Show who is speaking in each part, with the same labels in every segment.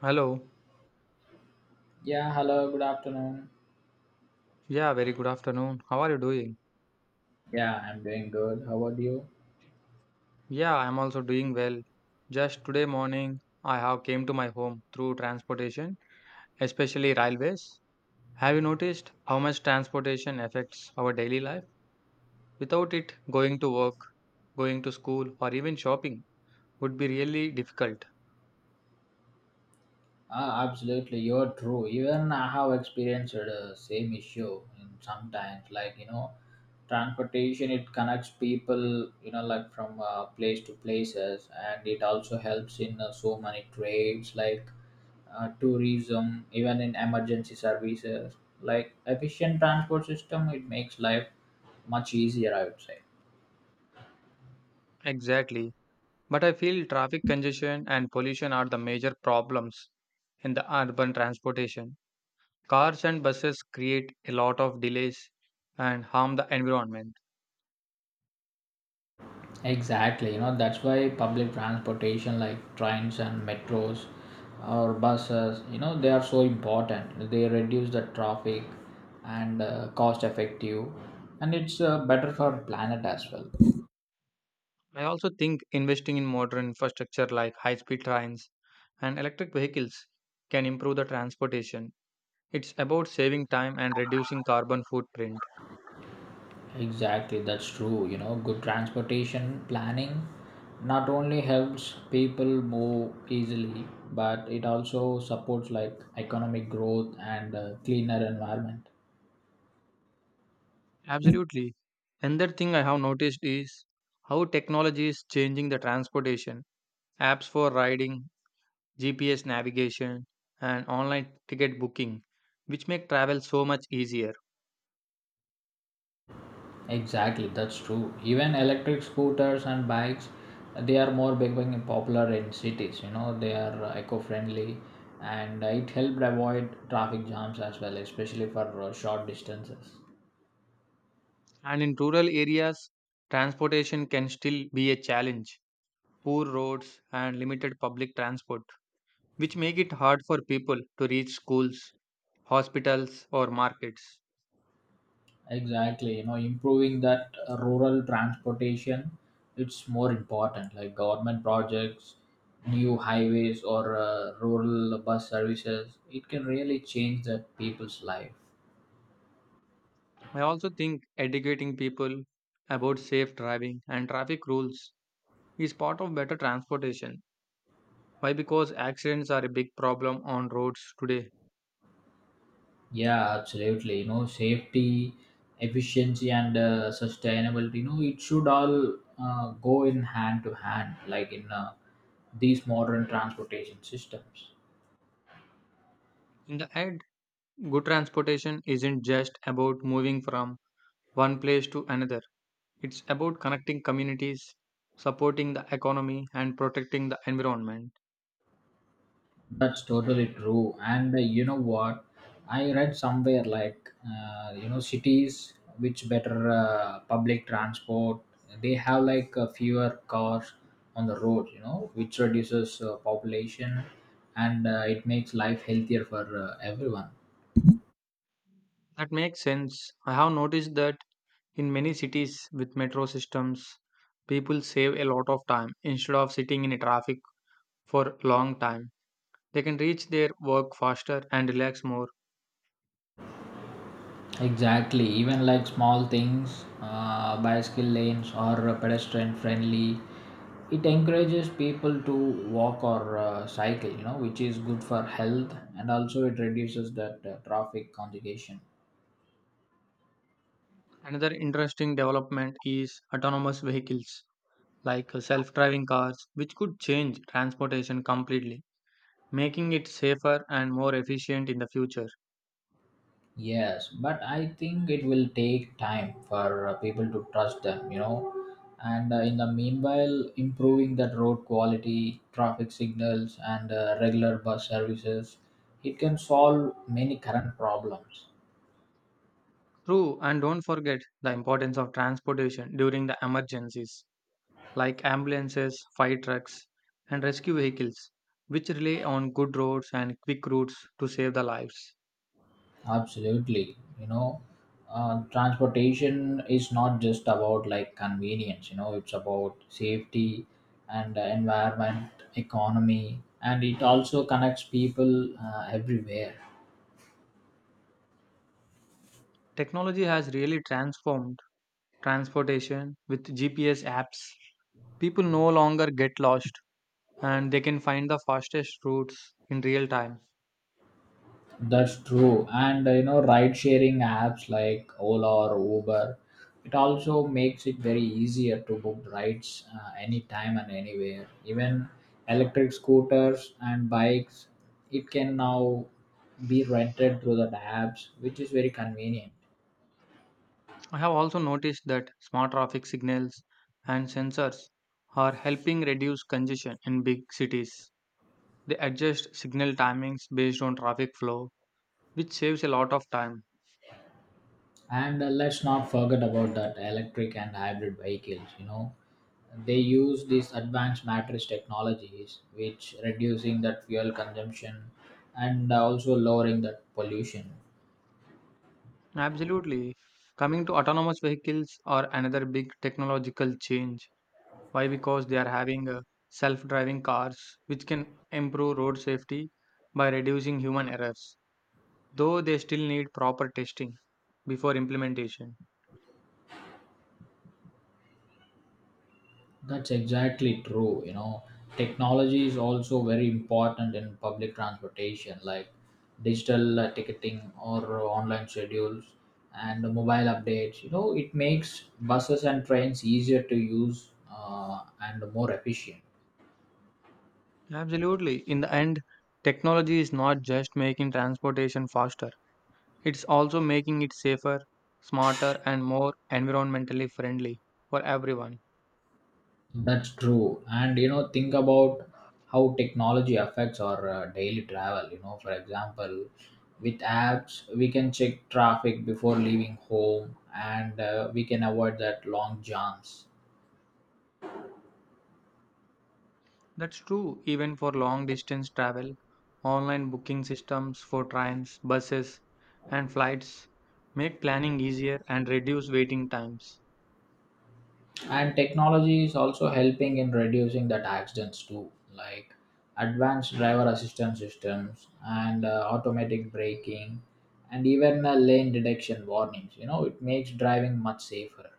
Speaker 1: Hello.
Speaker 2: Yeah, hello, good afternoon.
Speaker 1: Yeah, very good afternoon. How are you doing?
Speaker 2: Yeah, I'm doing good. How about you?
Speaker 1: Yeah, I'm also doing well. Just today morning, I have came to my home through transportation, especially railways. Have you noticed how much transportation affects our daily life? Without it, going to work, going to school, or even shopping would be really difficult.
Speaker 2: Ah, absolutely, you're true. Even I have experienced the same issue in sometimes, like you know, transportation it connects people, you know, like from place to places, and it also helps in so many trades like tourism, even in emergency services. Like efficient transport system, it makes life much easier, I would say.
Speaker 1: Exactly. But I feel traffic congestion and pollution are the major problems in the urban transportation. Cars and buses create a lot of delays and harm the environment.
Speaker 2: Exactly, you know, that's why public transportation like trains and metros or buses, you know, they are so important. They reduce the traffic and cost effective and it's better for planet as well.
Speaker 1: I also think investing in modern infrastructure like high speed trains and electric vehicles can improve the transportation. It's about saving time and reducing carbon footprint.
Speaker 2: Exactly, that's true. You know, good transportation planning not only helps people move easily, but it also supports like economic growth and cleaner environment.
Speaker 1: Absolutely. Another thing I have noticed is how technology is changing the transportation. Apps for riding, GPS navigation, and online ticket booking, which make travel so much easier.
Speaker 2: Exactly, that's true. Even electric scooters and bikes, they are more becoming popular in cities. You know, they are eco-friendly, and it helped avoid traffic jams as well, especially for short distances.
Speaker 1: And in rural areas, transportation can still be a challenge. Poor roads and limited public transport, which make it hard for people to reach schools, hospitals, or markets.
Speaker 2: Exactly, you know, improving that rural transportation, it's more important. Like government projects, new highways, or rural bus services, it can really change the people's life.
Speaker 1: I also think educating people about safe driving and traffic rules is part of better transportation. Why? Because accidents are a big problem on roads today.
Speaker 2: Yeah, absolutely. You know, safety, efficiency, and sustainability. You know, it should all go in hand to hand, like in these modern transportation systems.
Speaker 1: In the end, good transportation isn't just about moving from one place to another. It's about connecting communities, supporting the economy, and protecting the environment.
Speaker 2: That's totally true. And you know what? I read somewhere like you know cities which better public transport. They have like fewer cars on the road. You know, which reduces population, and it makes life healthier for everyone.
Speaker 1: That makes sense. I have noticed that in many cities with metro systems, people save a lot of time instead of sitting in a traffic for a long time. They can reach their work faster and relax more.
Speaker 2: Exactly, even like small things, bicycle lanes or pedestrian friendly, it encourages people to walk or cycle, you know, which is good for health and also it reduces that traffic congestion.
Speaker 1: Another interesting development is autonomous vehicles, like self driving cars, which could change transportation completely, making it safer and more efficient in the future.
Speaker 2: Yes, but I think it will take time for people to trust them, you know. And in the meanwhile, improving that road quality, traffic signals, and regular bus services, it can solve many current problems.
Speaker 1: True, and don't forget the importance of transportation during the emergencies, like ambulances, fire trucks, and rescue vehicles, which rely on good roads and quick routes to save the lives.
Speaker 2: Absolutely. You know, transportation is not just about like convenience, you know, it's about safety and environment, economy, and it also connects people everywhere.
Speaker 1: Technology has really transformed transportation with GPS apps. People no longer get lost and they can find the fastest routes in real time.
Speaker 2: That's true. And you know, ride sharing apps like Ola or Uber, it also makes it very easier to book rides anytime and anywhere. Even electric scooters and bikes, it can now be rented through the apps, which is very convenient.
Speaker 1: I have also noticed that smart traffic signals and sensors are helping reduce congestion in big cities. They adjust signal timings based on traffic flow, which saves a lot of time.
Speaker 2: And let's not forget about that electric and hybrid vehicles. You know, they use these advanced matrix technologies, which reducing that fuel consumption and also lowering that pollution.
Speaker 1: Absolutely. Coming to autonomous vehicles are another big technological change. Why? Because they are having self driving cars, which can improve road safety by reducing human errors, though they still need proper testing before implementation.
Speaker 2: That's exactly true. You know, technology is also very important in public transportation, like digital ticketing or online schedules and mobile updates. You know, it makes buses and trains easier to use and more efficient.
Speaker 1: Absolutely. In the end, technology is not just making transportation faster. It's also making it safer, smarter, and more environmentally friendly for everyone.
Speaker 2: That's true. And you know, think about how technology affects our daily travel. You know, for example, with apps, we can check traffic before leaving home and we can avoid that long jams.
Speaker 1: That's true even for long distance travel. Online booking systems for trains, buses, and flights make planning easier and reduce waiting times.
Speaker 2: And technology is also helping in reducing that accidents too, like advanced driver assistance systems and automatic braking and even lane detection warnings. You know, it makes driving much safer.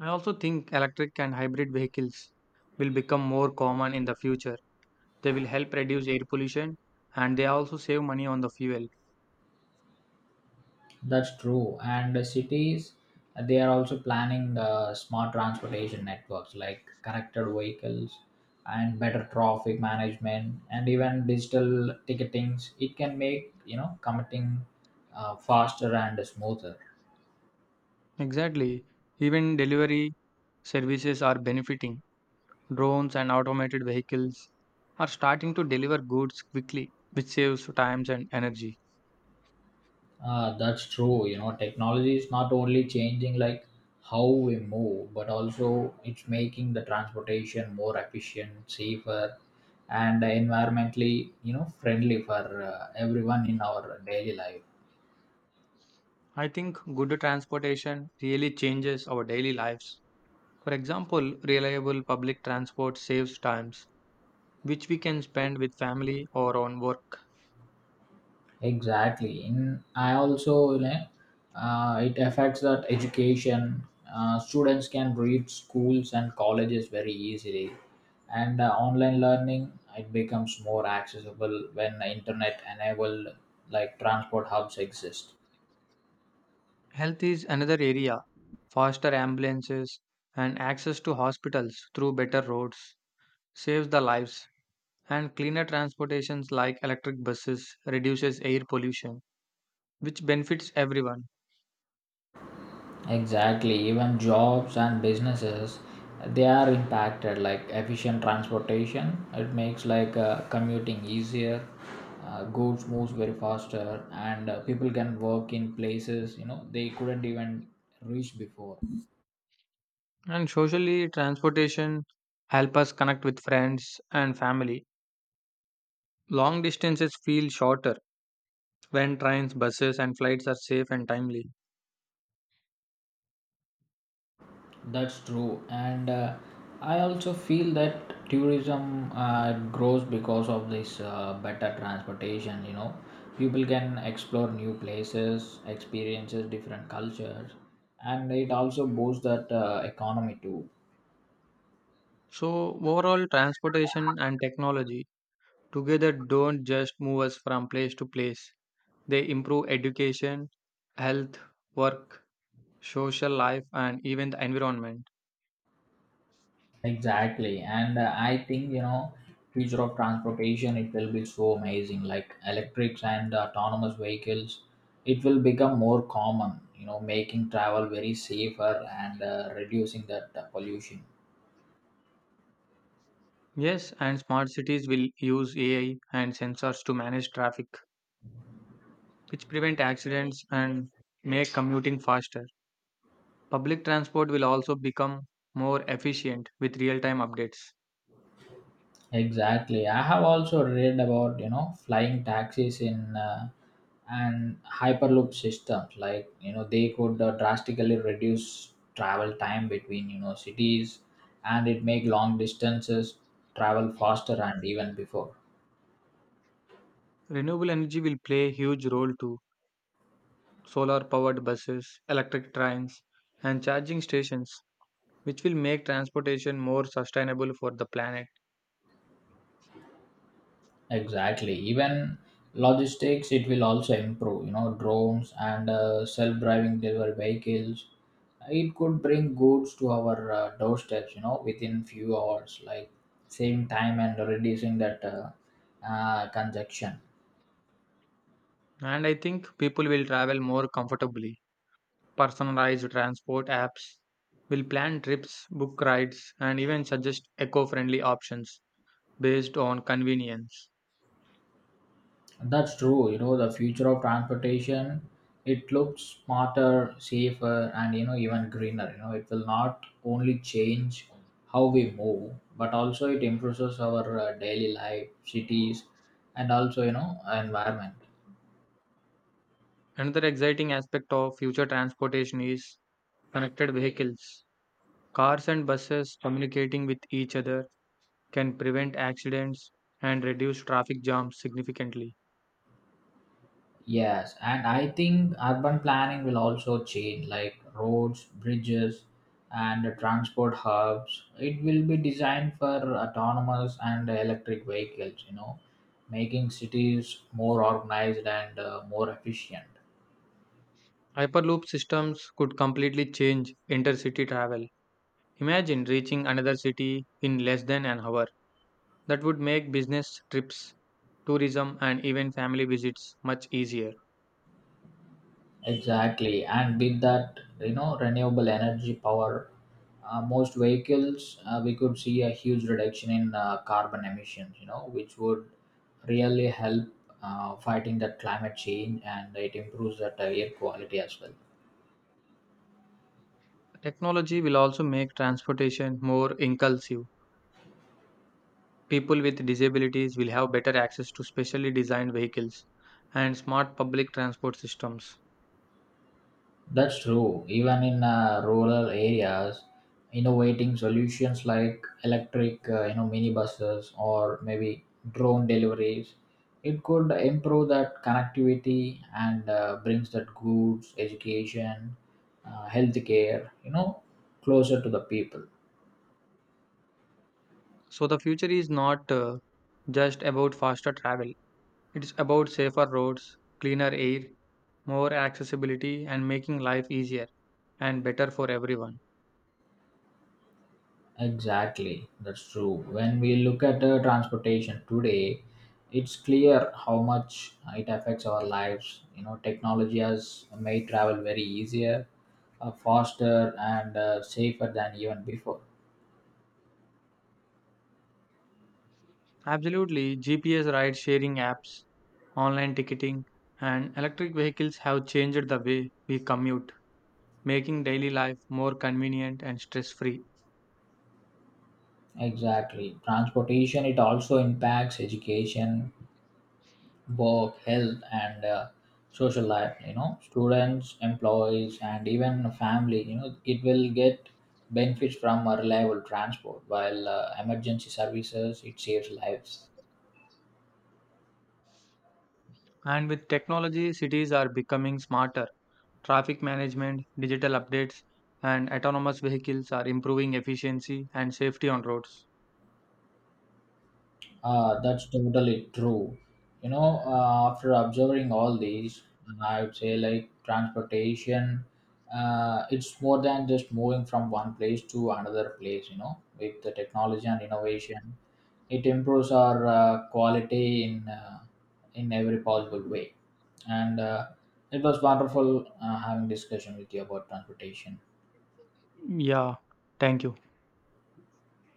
Speaker 1: I also think electric and hybrid vehicles will become more common in the future. They will help reduce air pollution and they also save money on the fuel.
Speaker 2: That's true. And the cities, they are also planning smart transportation networks like connected vehicles and better traffic management and even digital ticketings. It can make, you know, commuting faster and smoother.
Speaker 1: Exactly. Even delivery services are benefiting. Drones and automated vehicles are starting to deliver goods quickly, which saves time and energy.
Speaker 2: Ah, that's true. You know, technology is not only changing like how we move, but also it's making the transportation more efficient, safer, and environmentally, you know, friendly for everyone in our daily life.
Speaker 1: I think good transportation really changes our daily lives. For example, reliable public transport saves times, which we can spend with family or on work.
Speaker 2: Exactly in I also, you know, it affects that education. Students can reach schools and colleges very easily, and online learning it becomes more accessible when the internet enabled like transport hubs exist.
Speaker 1: Health is another area. Faster ambulances and access to hospitals through better roads saves the lives, and cleaner transportations like electric buses reduces air pollution, which benefits everyone.
Speaker 2: Exactly, even jobs and businesses, they are impacted. Like efficient transportation it makes like commuting easier, goods moves very faster, and people can work in places, you know, they couldn't even reach before.
Speaker 1: And socially, transportation help us connect with friends and family. Long distances feel shorter when trains, buses, and flights are safe and timely.
Speaker 2: That's true, and I also feel that tourism grows because of this better transportation. You know, people can explore new places, experiences different cultures, and it also boosts that economy too.
Speaker 1: So, overall, transportation and technology together don't just move us from place to place. They improve education, health, work, social life, and even the environment.
Speaker 2: Exactly, and I think, you know, future of transportation it will be so amazing. Like electrics and autonomous vehicles, it will become more common. You know, making travel very safer and reducing that pollution.
Speaker 1: Yes, and smart cities will use AI and sensors to manage traffic, which prevent accidents and make commuting faster. Public transport will also become more efficient with real time updates.
Speaker 2: Exactly, I have also read about, you know, flying taxis in. And hyperloop systems, like, you know, they could drastically reduce travel time between, you know, cities, and it make long distances travel faster and even before.
Speaker 1: Renewable energy will play a huge role too. Solar powered buses, electric trains, and charging stations, which will make transportation more sustainable for the planet.
Speaker 2: Exactly, even logistics it will also improve, you know, drones and self-driving delivery vehicles, it could bring goods to our doorsteps, you know, within few hours, like saving time and reducing that congestion.
Speaker 1: And I think people will travel more comfortably. Personalized transport apps will plan trips, book rides, and even suggest eco friendly options based on convenience.
Speaker 2: That's true. You know, the future of transportation, it looks smarter, safer, and, you know, even greener. You know, it will not only change how we move, but also it improves our daily life, cities, and also, you know, environment.
Speaker 1: Another exciting aspect of future transportation is connected vehicles. Cars and buses communicating with each other can prevent accidents and reduce traffic jams significantly.
Speaker 2: Yes, and I think urban planning will also change, like roads, bridges, and the transport hubs. It will be designed for autonomous and electric vehicles, you know, making cities more organized and more efficient.
Speaker 1: Hyperloop systems could completely change intercity travel. Imagine reaching another city in less than an hour. That would make business trips, tourism, and even family visits much easier.
Speaker 2: Exactly, and with that, you know, renewable energy power most vehicles, we could see a huge reduction in carbon emissions, you know, which would really help fighting that climate change, and it improves that air quality as well.
Speaker 1: Technology will also make transportation more inclusive. People with disabilities will have better access to specially designed vehicles and smart public transport systems.
Speaker 2: That's true. Even in rural areas, innovating solutions like electric, you know, minibuses or maybe drone deliveries, it could improve that connectivity and brings that goods, education, healthcare, you know, closer to the people.
Speaker 1: So the future is not just about faster travel. It's about safer roads, cleaner air, more accessibility and making life easier and better for everyone.
Speaker 2: Exactly, that's true. When we look at transportation today, it's clear how much it affects our lives. You know, technology has made travel very easier, faster, and safer than even before.
Speaker 1: Absolutely, GPS ride sharing apps, online ticketing and electric vehicles have changed the way we commute, making daily life more convenient and stress free.
Speaker 2: Exactly, transportation it also impacts education, work, health, and social life. You know, students, employees, and even family. You know, it will get benefits from a reliable transport, while emergency services it saves lives.
Speaker 1: And with technology, cities are becoming smarter. Traffic management, digital updates, and autonomous vehicles are improving efficiency and safety on roads.
Speaker 2: That's totally true. You know, after observing all these, I would say like transportation. It's more than just moving from one place to another place. You know, with the technology and innovation it improves our quality in every possible way, and it was wonderful having discussion with you about transportation.
Speaker 1: Yeah, thank you.